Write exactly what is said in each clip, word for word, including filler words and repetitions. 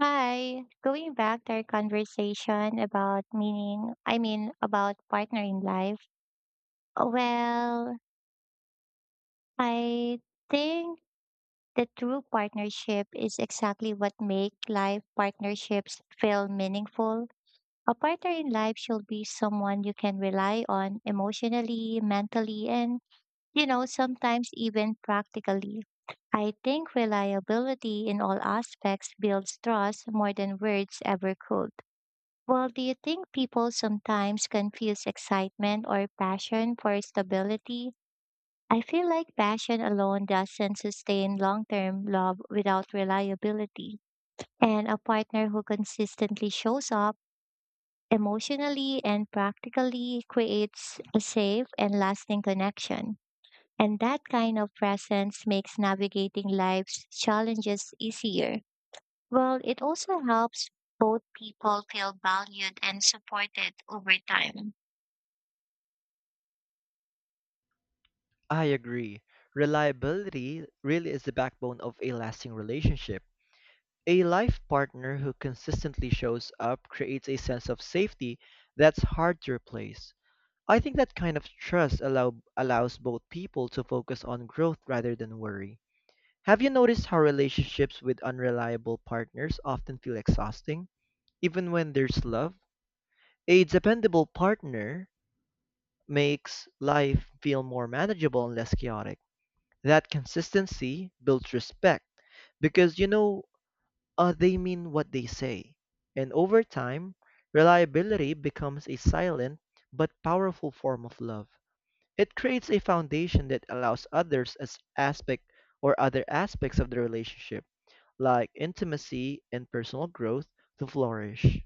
Hi, going back to our conversation about meaning, I mean, about partner in life. Well, I think the true partnership is exactly what make life partnerships feel meaningful. A partner in life should be someone you can rely on emotionally, mentally, and, you know, sometimes even practically. I think reliability in all aspects builds trust more than words ever could. Well, do you think people sometimes confuse excitement or passion for stability? I feel like passion alone doesn't sustain long term love without reliability. And a partner who consistently shows up emotionally and practically creates a safe and lasting connection. And that kind of presence makes navigating life's challenges easier. Well, it also helps both people feel valued and supported over time. I agree. Reliability really is the backbone of a lasting relationship. A life partner who consistently shows up creates a sense of safety that's hard to replace. I think that kind of trust allow, allows both people to focus on growth rather than worry. Have you noticed how relationships with unreliable partners often feel exhausting, even when there's love? A dependable partner makes life feel more manageable and less chaotic. That consistency builds respect because you know uh, they mean what they say. And over time, reliability becomes a silent but powerful form of love. It creates a foundation that allows others as aspect or other aspects of the relationship, like intimacy and personal growth, to flourish.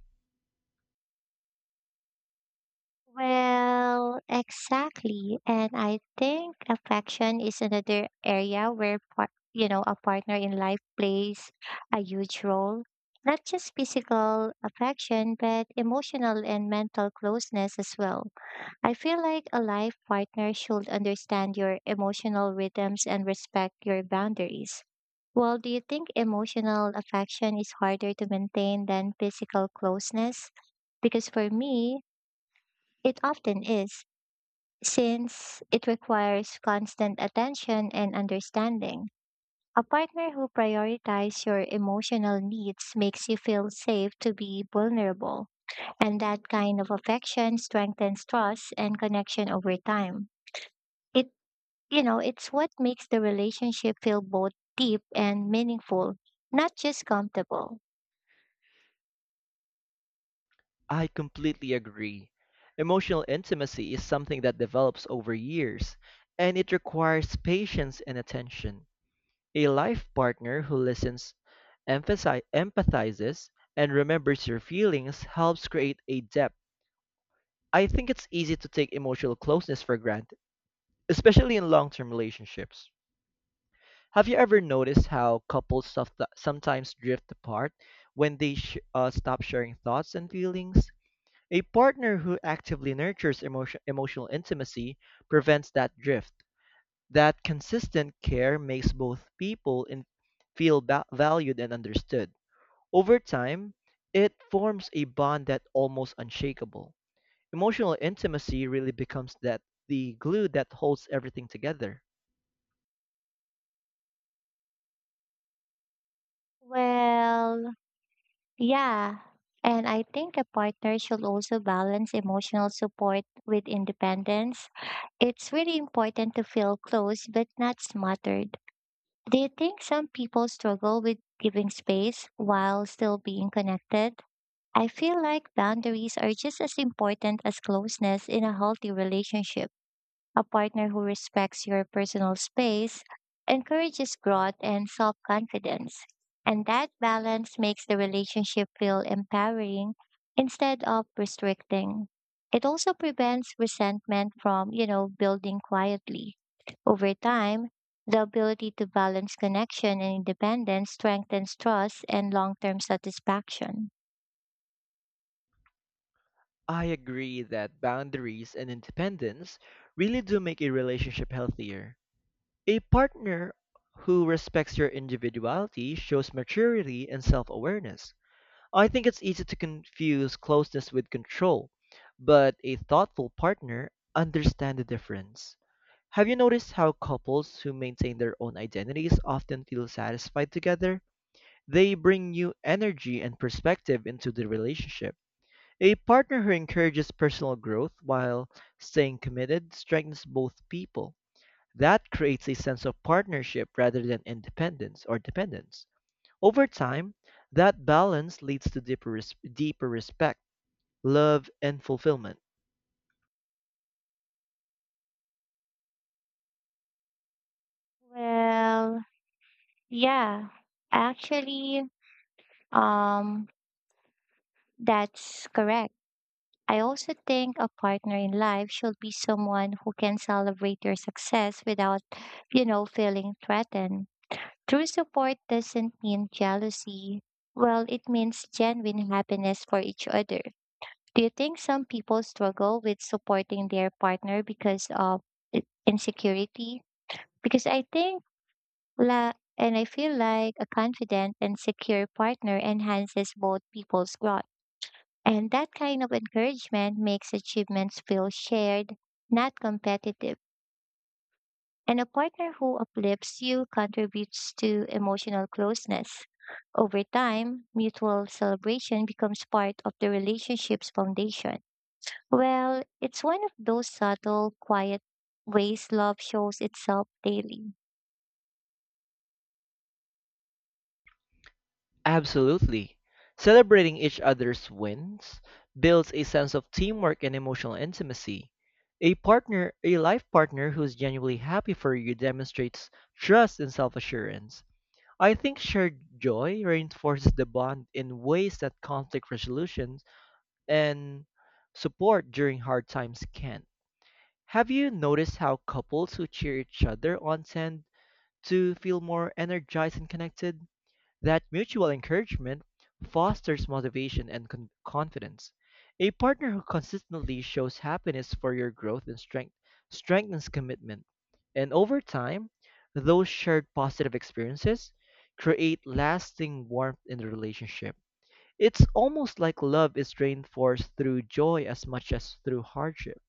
Well, exactly. And I think affection is another area where, par- you know, a partner in life plays a huge role. Not just physical affection, but emotional and mental closeness as well. I feel like a life partner should understand your emotional rhythms and respect your boundaries. Well, do you think emotional affection is harder to maintain than physical closeness? Because for me, it often is, since it requires constant attention and understanding. A partner who prioritizes your emotional needs makes you feel safe to be vulnerable, and that kind of affection strengthens trust and connection over time. It You know, it's what makes the relationship feel both deep and meaningful, not just comfortable. I completely agree. Emotional intimacy is something that develops over years, and it requires patience and attention. A life partner who listens, emphasi- empathizes, and remembers your feelings helps create a depth. I think it's easy to take emotional closeness for granted, especially in long term relationships. Have you ever noticed how couples soft- sometimes drift apart when they sh- uh, stop sharing thoughts and feelings? A partner who actively nurtures emotion- emotional intimacy prevents that drift. That consistent care makes both people in- feel ba- valued and understood. Over time, it forms a bond that's almost unshakable. Emotional intimacy really becomes that the glue that holds everything together. Well, yeah. And I think a partner should also balance emotional support with independence. It's really important to feel close but not smothered. Do you think some people struggle with giving space while still being connected? I feel like boundaries are just as important as closeness in a healthy relationship. A partner who respects your personal space encourages growth and self confidence. And that balance makes the relationship feel empowering instead of restricting. It also prevents resentment from, you know, building quietly. Over time, the ability to balance connection and independence strengthens trust and long term satisfaction. I agree that boundaries and independence really do make a relationship healthier. A partner who respects your individuality shows maturity and self awareness. I think it's easy to confuse closeness with control, but a thoughtful partner understands the difference. Have you noticed how couples who maintain their own identities often feel satisfied together? They bring new energy and perspective into the relationship. A partner who encourages personal growth while staying committed strengthens both people. That creates a sense of partnership rather than independence or dependence. Over time, that balance leads to deeper, res- deeper respect, love, and fulfillment. Well, yeah, actually, um, that's correct. I also think a partner in life should be someone who can celebrate your success without, you know, feeling threatened. True support doesn't mean jealousy. Well, it means genuine happiness for each other. Do you think some people struggle with supporting their partner because of i- insecurity? Because I think la and I feel like a confident and secure partner enhances both people's growth. And that kind of encouragement makes achievements feel shared, not competitive. And a partner who uplifts you contributes to emotional closeness. Over time, mutual celebration becomes part of the relationship's foundation. Well, it's one of those subtle, quiet ways love shows itself daily. Absolutely. Celebrating each other's wins builds a sense of teamwork and emotional intimacy. A partner, a life partner who's genuinely happy for you demonstrates trust and self-assurance. I think shared joy reinforces the bond in ways that conflict resolutions and support during hard times can't. Have you noticed how couples who cheer each other on tend to feel more energized and connected? That mutual encouragement fosters motivation and con- confidence. A partner who consistently shows happiness for your growth and strength strengthens commitment. And over time, those shared positive experiences create lasting warmth in the relationship. It's almost like love is reinforced through joy as much as through hardship.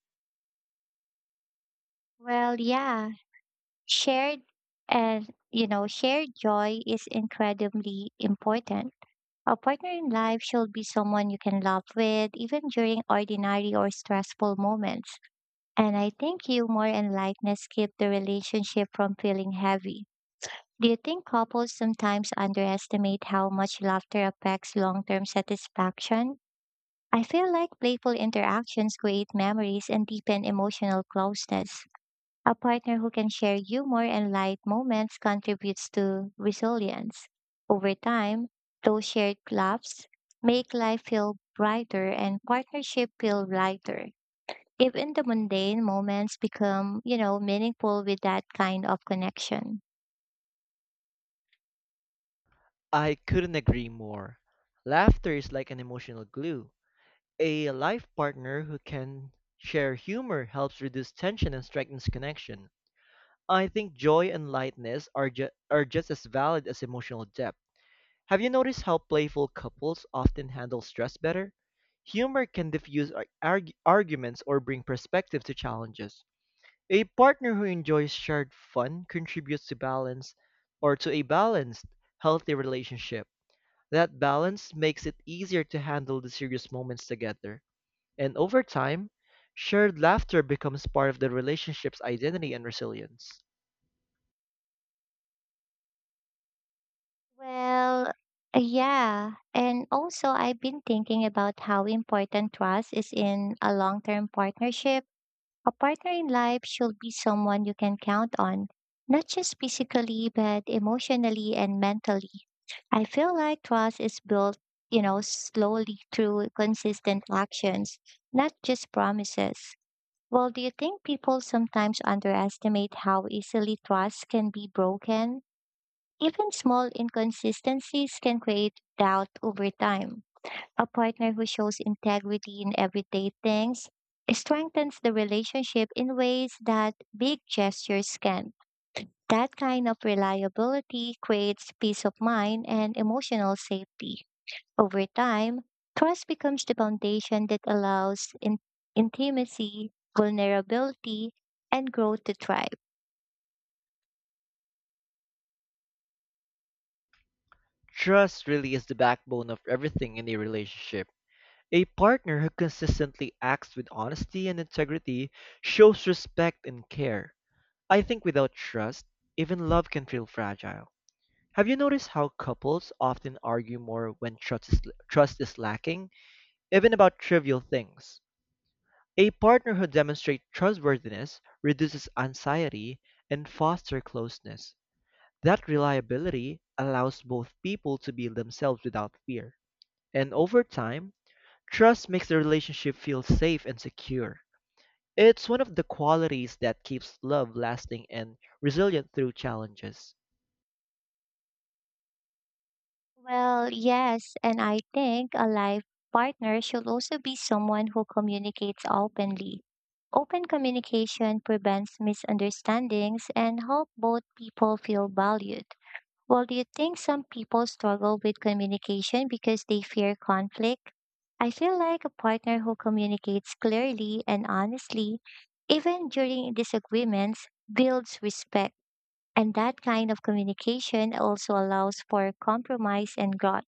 Well, yeah, shared and, you know, shared joy is incredibly important. A partner in life should be someone you can laugh with, even during ordinary or stressful moments. And I think humor and lightness keep the relationship from feeling heavy. Do you think couples sometimes underestimate how much laughter affects long term satisfaction? I feel like playful interactions create memories and deepen emotional closeness. A partner who can share humor and light moments contributes to resilience. Over time, those shared laughs make life feel brighter and partnership feel lighter. Even the mundane moments become, you know, meaningful with that kind of connection. I couldn't agree more. Laughter is like an emotional glue. A life partner who can share humor helps reduce tension and strengthens connection. I think joy and lightness are, ju- are just as valid as emotional depth. Have you noticed how playful couples often handle stress better? Humor can diffuse ar- arg- arguments or bring perspective to challenges. A partner who enjoys shared fun contributes to balance or to a balanced, healthy relationship. That balance makes it easier to handle the serious moments together. And over time, shared laughter becomes part of the relationship's identity and resilience. Well, yeah. And also, I've been thinking about how important trust is in a long term partnership. A partner in life should be someone you can count on, not just physically, but emotionally and mentally. I feel like trust is built, you know, slowly through consistent actions, not just promises. Well, do you think people sometimes underestimate how easily trust can be broken? Even small inconsistencies can create doubt over time. A partner who shows integrity in everyday things strengthens the relationship in ways that big gestures can. That kind of reliability creates peace of mind and emotional safety. Over time, trust becomes the foundation that allows in- intimacy, vulnerability, and growth to thrive. Trust really is the backbone of everything in a relationship. A partner who consistently acts with honesty and integrity shows respect and care. I think without trust, even love can feel fragile. Have you noticed how couples often argue more when trust is, trust is lacking, even about trivial things? A partner who demonstrates trustworthiness reduces anxiety and fosters closeness. That reliability allows both people to be themselves without fear. And over time, trust makes the relationship feel safe and secure. It's one of the qualities that keeps love lasting and resilient through challenges. Well, yes, and I think a life partner should also be someone who communicates openly. Open communication prevents misunderstandings and help both people feel valued. Well, do you think some people struggle with communication because they fear conflict? I feel like a partner who communicates clearly and honestly, even during disagreements, builds respect. And that kind of communication also allows for compromise and growth.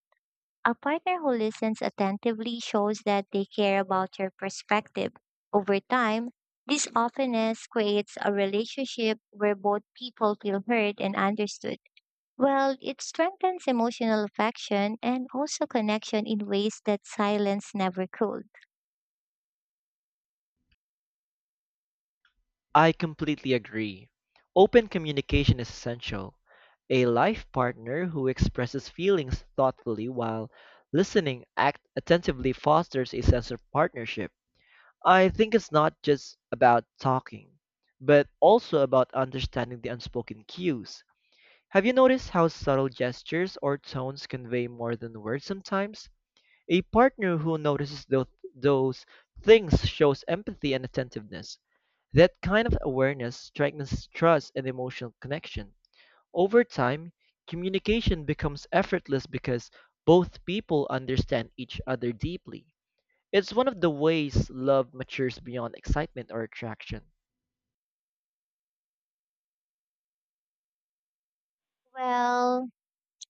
A partner who listens attentively shows that they care about your perspective. Over time, this openness creates a relationship where both people feel heard and understood. Well, it strengthens emotional affection and also connection in ways that silence never could. I completely agree. Open communication is essential. A life partner who expresses feelings thoughtfully while listening act attentively fosters a sense of partnership. I think it's not just about talking, but also about understanding the unspoken cues. Have you noticed how subtle gestures or tones convey more than words sometimes? A partner who notices those, those things shows empathy and attentiveness. That kind of awareness strengthens trust and emotional connection. Over time, communication becomes effortless because both people understand each other deeply. It's one of the ways love matures beyond excitement or attraction. Well,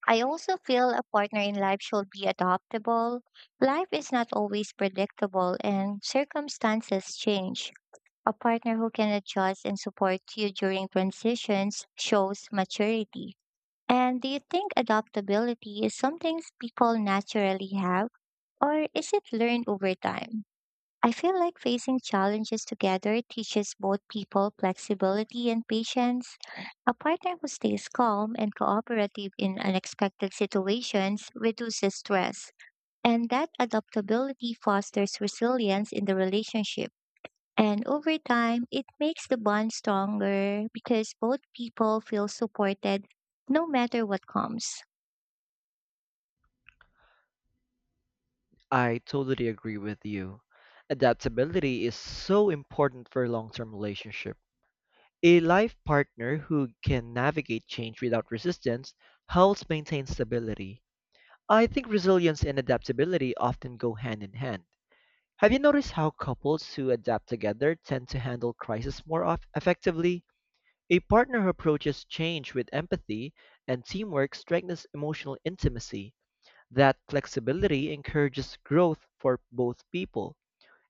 I also feel a partner in life should be adaptable. Life is not always predictable and circumstances change. A partner who can adjust and support you during transitions shows maturity. And do you think adaptability is something people naturally have, or is it learned over time? I feel like facing challenges together teaches both people flexibility and patience. A partner who stays calm and cooperative in unexpected situations reduces stress, and that adaptability fosters resilience in the relationship. And over time, it makes the bond stronger because both people feel supported no matter what comes. I totally agree with you. Adaptability is so important for long term relationships. A life partner who can navigate change without resistance helps maintain stability. I think resilience and adaptability often go hand in hand. Have you noticed how couples who adapt together tend to handle crisis more off- effectively? A partner who approaches change with empathy and teamwork strengthens emotional intimacy. That flexibility encourages growth for both people.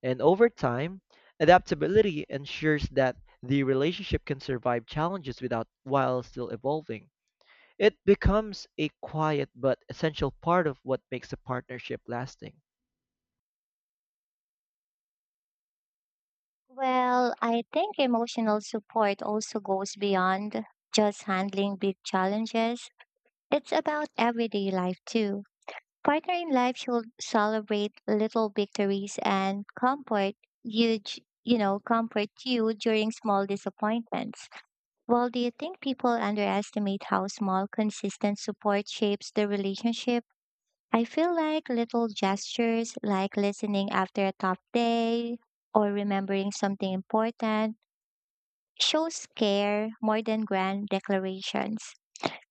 And over time, adaptability ensures that the relationship can survive challenges without while still evolving. It becomes a quiet but essential part of what makes a partnership lasting. Well, I think emotional support also goes beyond just handling big challenges. It's about everyday life too. Partner in life should celebrate little victories and comfort you, d- you know, comfort you during small disappointments. Well, do you think people underestimate how small, consistent support shapes the relationship? I feel like little gestures, like listening after a tough day or remembering something important, shows care more than grand declarations.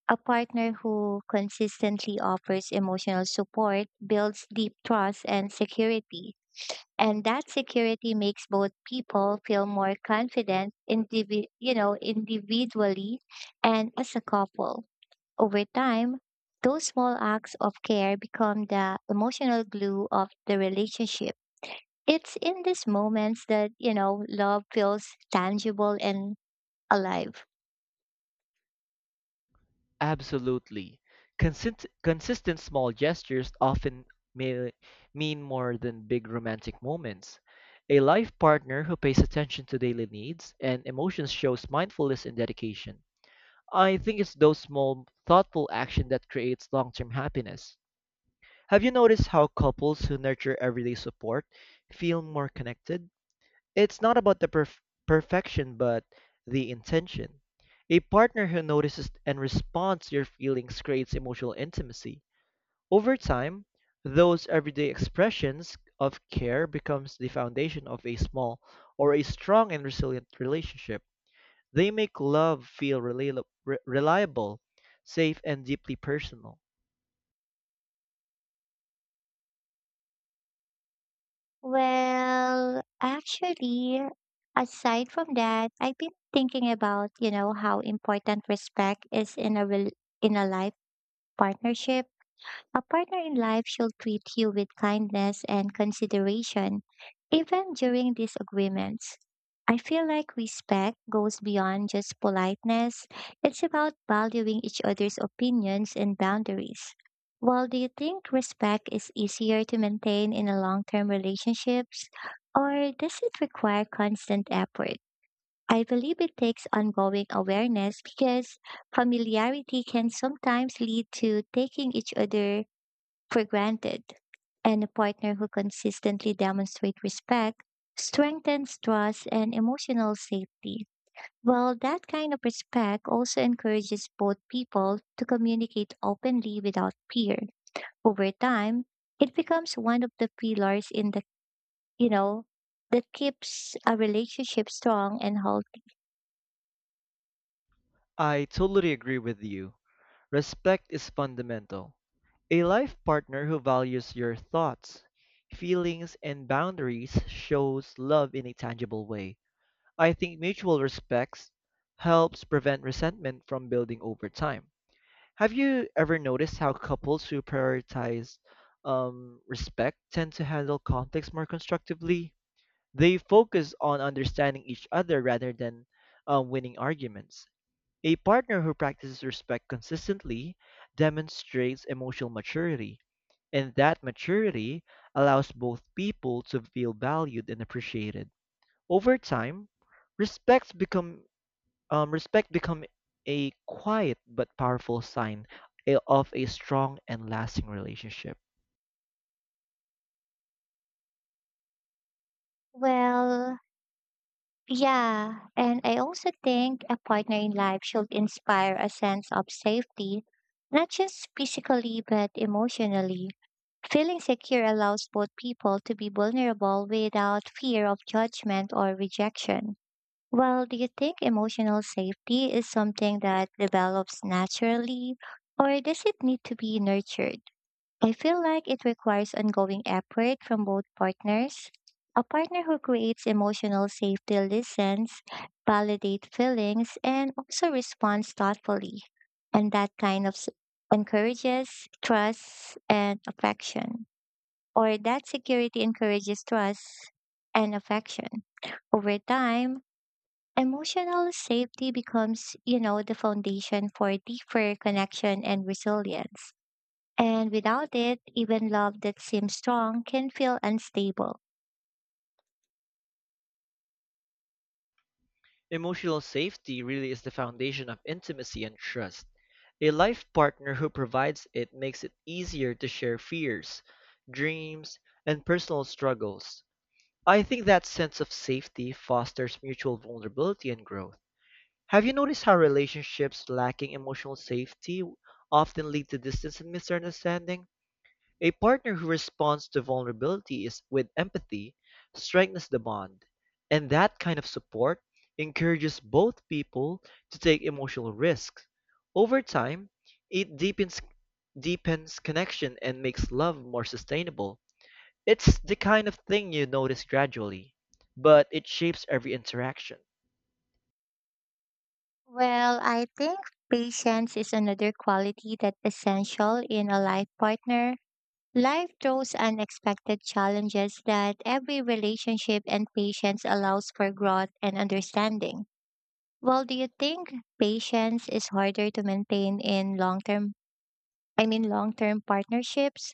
A partner who consistently offers emotional support builds deep trust and security, and that security makes both people feel more confident indivi- you know individually and as a couple over time. Those small acts of care become the emotional glue of the relationship. It's in these moments that you know love feels tangible and alive. Absolutely. Consist- consistent small gestures often may mean more than big romantic moments. A life partner who pays attention to daily needs and emotions shows mindfulness and dedication. I think it's those small, thoughtful actions that creates long-term happiness. Have you noticed how couples who nurture everyday support feel more connected? It's not about the perf- perfection, but the intention. A partner who notices and responds to your feelings creates emotional intimacy. Over time, those everyday expressions of care becomes the foundation of a small or a strong and resilient relationship. They make love feel rela- re- reliable, safe, and deeply personal. Well actually aside from that, I've been thinking about you know how important respect is in a rel in a life partnership. A partner in life should treat you with kindness and consideration, even during disagreements. I feel like respect goes beyond just politeness. It's about valuing each other's opinions and boundaries. Well, do you think respect is easier to maintain in a long-term relationships, or does it require constant effort? I believe it takes ongoing awareness because familiarity can sometimes lead to taking each other for granted. And a partner who consistently demonstrates respect strengthens trust and emotional safety. Well, that kind of respect also encourages both people to communicate openly without fear. Over time, it becomes one of the pillars in the, you know, that keeps a relationship strong and healthy. I totally agree with you. Respect is fundamental. A life partner who values your thoughts, feelings, and boundaries shows love in a tangible way. I think mutual respect helps prevent resentment from building over time. Have you ever noticed how couples who prioritize um, respect tend to handle conflicts more constructively? They focus on understanding each other rather than um, winning arguments. A partner who practices respect consistently demonstrates emotional maturity, and that maturity allows both people to feel valued and appreciated. Over time, respects become um, respect become a quiet but powerful sign a- of a strong and lasting relationship. Well, yeah, and I also think a partner in life should inspire a sense of safety, not just physically but emotionally. Feeling secure allows both people to be vulnerable without fear of judgment or rejection. Well, do you think emotional safety is something that develops naturally, or does it need to be nurtured? I feel like it requires ongoing effort from both partners. A partner who creates emotional safety listens, validates feelings, and also responds thoughtfully. And that kind of s- encourages trust and affection. Or that security encourages trust and affection. Over time, emotional safety becomes, you know, the foundation for deeper connection and resilience. And without it, even love that seems strong can feel unstable. Emotional safety really is the foundation of intimacy and trust. A life partner who provides it makes it easier to share fears, dreams, and personal struggles. I think that sense of safety fosters mutual vulnerability and growth. Have you noticed how relationships lacking emotional safety often lead to distance and misunderstanding? A partner who responds to vulnerability is with empathy strengthens the bond, and that kind of support encourages both people to take emotional risks. Over time, it deepens deepens connection and makes love more sustainable. It's the kind of thing you notice gradually, but it shapes every interaction. Well, I think patience is another quality that's essential in a life partner. Life throws unexpected challenges that every relationship and patience allows for growth and understanding. Well, do you think patience is harder to maintain in long-term, I mean long-term partnerships?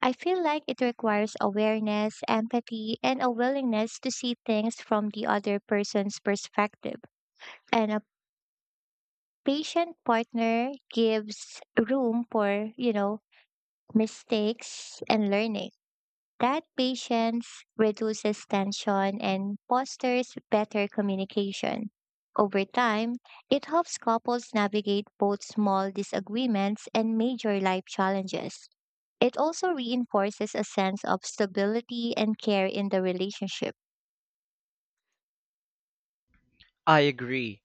I feel like it requires awareness, empathy, and a willingness to see things from the other person's perspective. And a patient partner gives room for, you know, mistakes and learning. That patience reduces tension and fosters better communication. Over time, it helps couples navigate both small disagreements and major life challenges. It also reinforces a sense of stability and care in the relationship. I agree.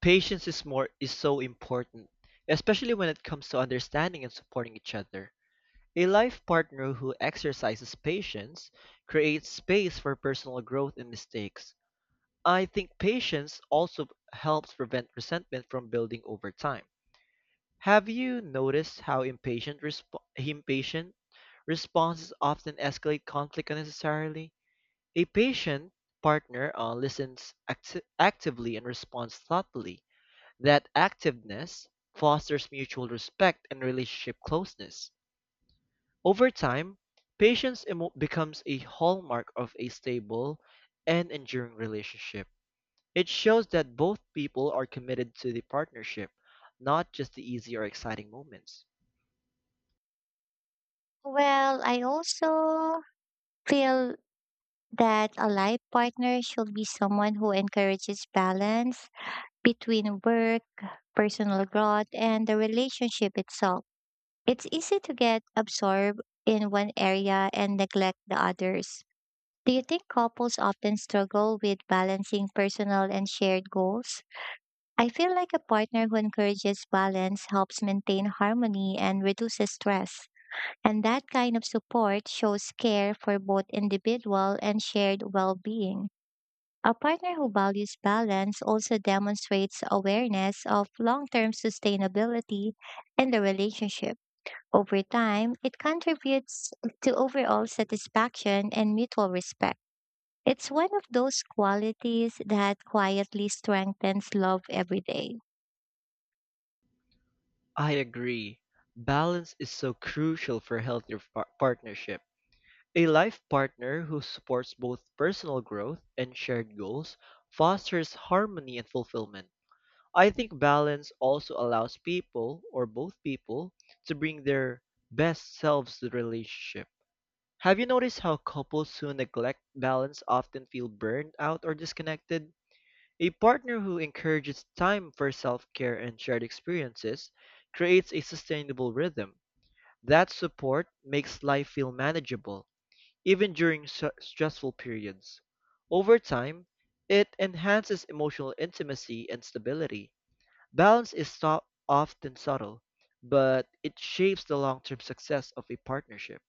Patience is more is so important, especially when it comes to understanding and supporting each other. A life partner who exercises patience creates space for personal growth and mistakes. I think patience also helps prevent resentment from building over time. Have you noticed how impatient resp- impatient responses often escalate conflict unnecessarily? A patient partner uh, listens acti- actively and responds thoughtfully that activeness fosters mutual respect and relationship closeness. Over time, patience emo- becomes a hallmark of a stable and enduring relationship. It shows that both people are committed to the partnership, not just the easy or exciting moments. Well, I also feel that a life partner should be someone who encourages balance between work, personal growth, and the relationship itself. It's easy to get absorbed in one area and neglect the others. Do you think couples often struggle with balancing personal and shared goals? I feel like a partner who encourages balance helps maintain harmony and reduces stress. And that kind of support shows care for both individual and shared well being. A partner who values balance also demonstrates awareness of long term sustainability in the relationship. Over time, it contributes to overall satisfaction and mutual respect. It's one of those qualities that quietly strengthens love every day. I agree. Balance is so crucial for healthy par- partnership. A life partner who supports both personal growth and shared goals fosters harmony and fulfillment. I think balance also allows people, or both people to bring their best selves to the relationship. Have you noticed how couples who neglect balance often feel burned out or disconnected? A partner who encourages time for self-care and shared experiences creates a sustainable rhythm. That support makes life feel manageable, even during su- stressful periods. Over time, it enhances emotional intimacy and stability. Balance is so- often subtle, but it shapes the long-term success of a partnership.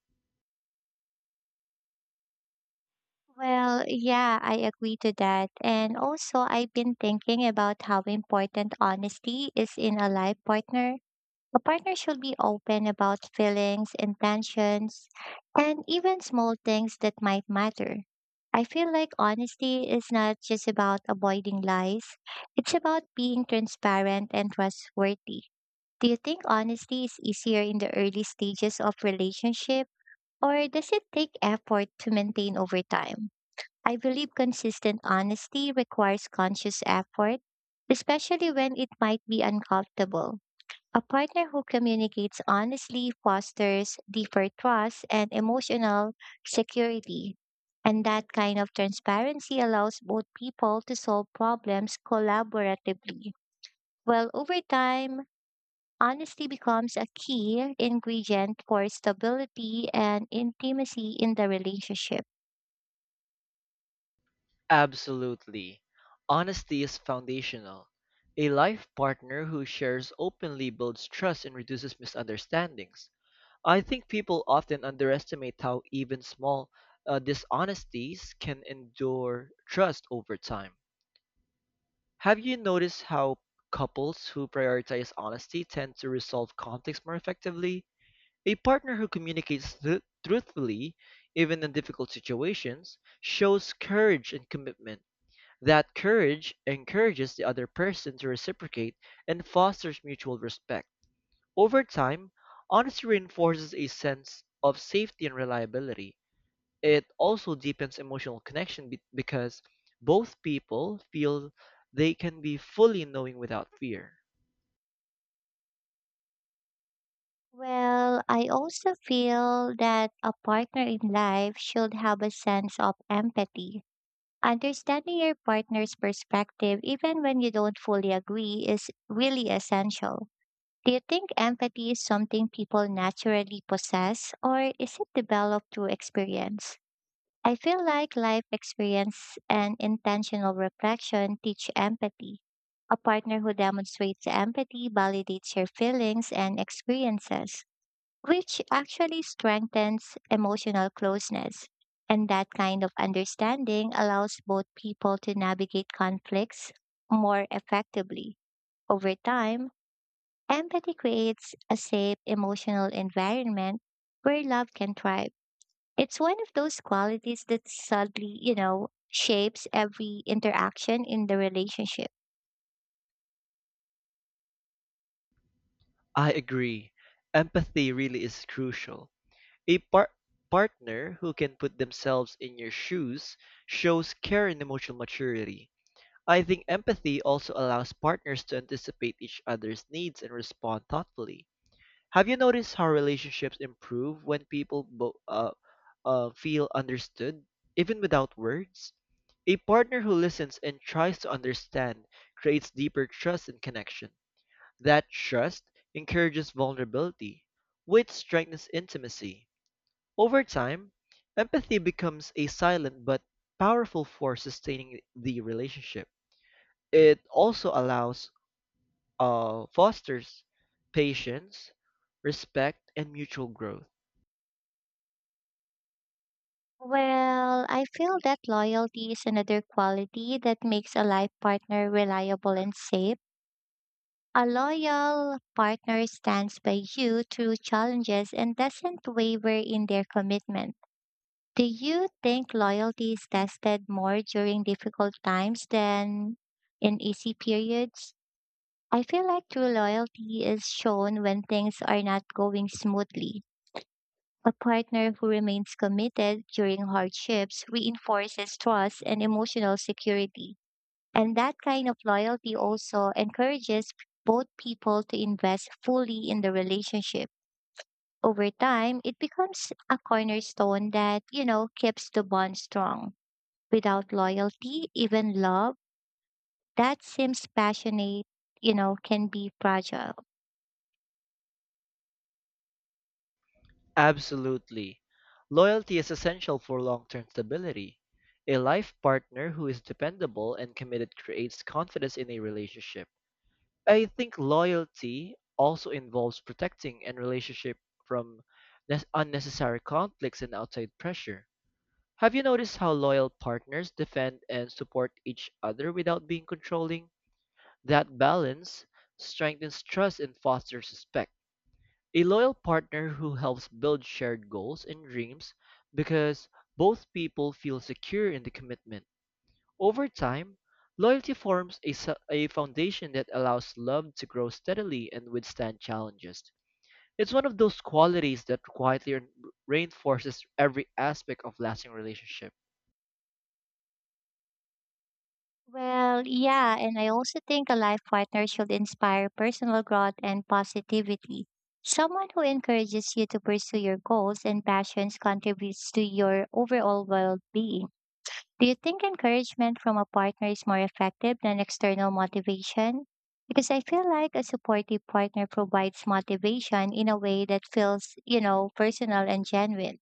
Well, yeah, I agree to that. And also, I've been thinking about how important honesty is in a life partner. A partner should be open about feelings, intentions, and even small things that might matter. I feel like honesty is not just about avoiding lies, it's about being transparent and trustworthy. Do you think honesty is easier in the early stages of relationship or does it take effort to maintain over time? I believe consistent honesty requires conscious effort, especially when it might be uncomfortable. A partner who communicates honestly fosters deeper trust and emotional security. And that kind of transparency allows both people to solve problems collaboratively. Well, over time, honesty becomes a key ingredient for stability and intimacy in the relationship. Absolutely. Honesty is foundational. A life partner who shares openly builds trust and reduces misunderstandings. I think people often underestimate how even small uh, dishonesties can endure trust over time. Have you noticed how couples who prioritize honesty tend to resolve conflicts more effectively? A partner who communicates thr- truthfully, even in difficult situations, shows courage and commitment that courage encourages the other person to reciprocate and fosters mutual respect. Over time, honesty reinforces a sense of safety and reliability. It also deepens emotional connection be- because both people feel they can be fully knowing without fear. Well, I also feel that a partner in life should have a sense of empathy. Understanding your partner's perspective, even when you don't fully agree, is really essential. Do you think empathy is something people naturally possess, or is it developed through experience? I feel like life experience and intentional reflection teach empathy. A partner who demonstrates empathy validates your feelings and experiences, which actually strengthens emotional closeness. And that kind of understanding allows both people to navigate conflicts more effectively. Over time, empathy creates a safe emotional environment where love can thrive. It's one of those qualities that subtly, you know, shapes every interaction in the relationship. I agree. Empathy really is crucial. A par- partner who can put themselves in your shoes shows care and emotional maturity. I think empathy also allows partners to anticipate each other's needs and respond thoughtfully. Have you noticed how relationships improve when people bo- uh, uh, feel understood, even without words? A partner who listens and tries to understand creates deeper trust and connection. That trust encourages vulnerability, which strengthens intimacy. Over time, empathy becomes a silent but powerful force sustaining the relationship. It also allows, uh, fosters patience, respect, and mutual growth. Well, I feel that loyalty is another quality that makes a life partner reliable and safe. A loyal partner stands by you through challenges and doesn't waver in their commitment. Do you think loyalty is tested more during difficult times than in easy periods? I feel like true loyalty is shown when things are not going smoothly. A partner who remains committed during hardships reinforces trust and emotional security. And that kind of loyalty also encourages both people to invest fully in the relationship. Over time, it becomes a cornerstone that, you know, keeps the bond strong. Without loyalty, even love that seems passionate, you know, can be fragile. Absolutely. Loyalty is essential for long term stability. A life partner who is dependable and committed creates confidence in a relationship. I think loyalty also involves protecting a relationship from nes- unnecessary conflicts and outside pressure. Have you noticed how loyal partners defend and support each other without being controlling? That balance strengthens trust and fosters respect. A loyal partner who helps build shared goals and dreams because both people feel secure in the commitment. Over time, loyalty forms a, su- a foundation that allows love to grow steadily and withstand challenges. It's one of those qualities that quietly reinforces every aspect of lasting relationship. Well, yeah, and I also think a life partner should inspire personal growth and positivity. Someone who encourages you to pursue your goals and passions contributes to your overall well being. Do you think encouragement from a partner is more effective than external motivation? Because I feel like a supportive partner provides motivation in a way that feels, you know, personal and genuine.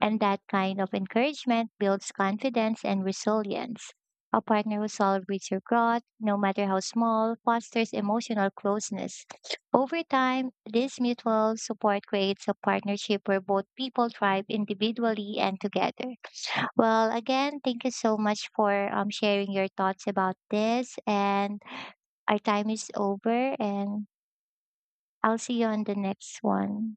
And that kind of encouragement builds confidence and resilience. A partner who celebrates your growth, no matter how small, fosters emotional closeness. Over time, this mutual support creates a partnership where both people thrive individually and together. Well, again, thank you so much for um, sharing your thoughts about this. And our time is over, and I'll see you on the next one.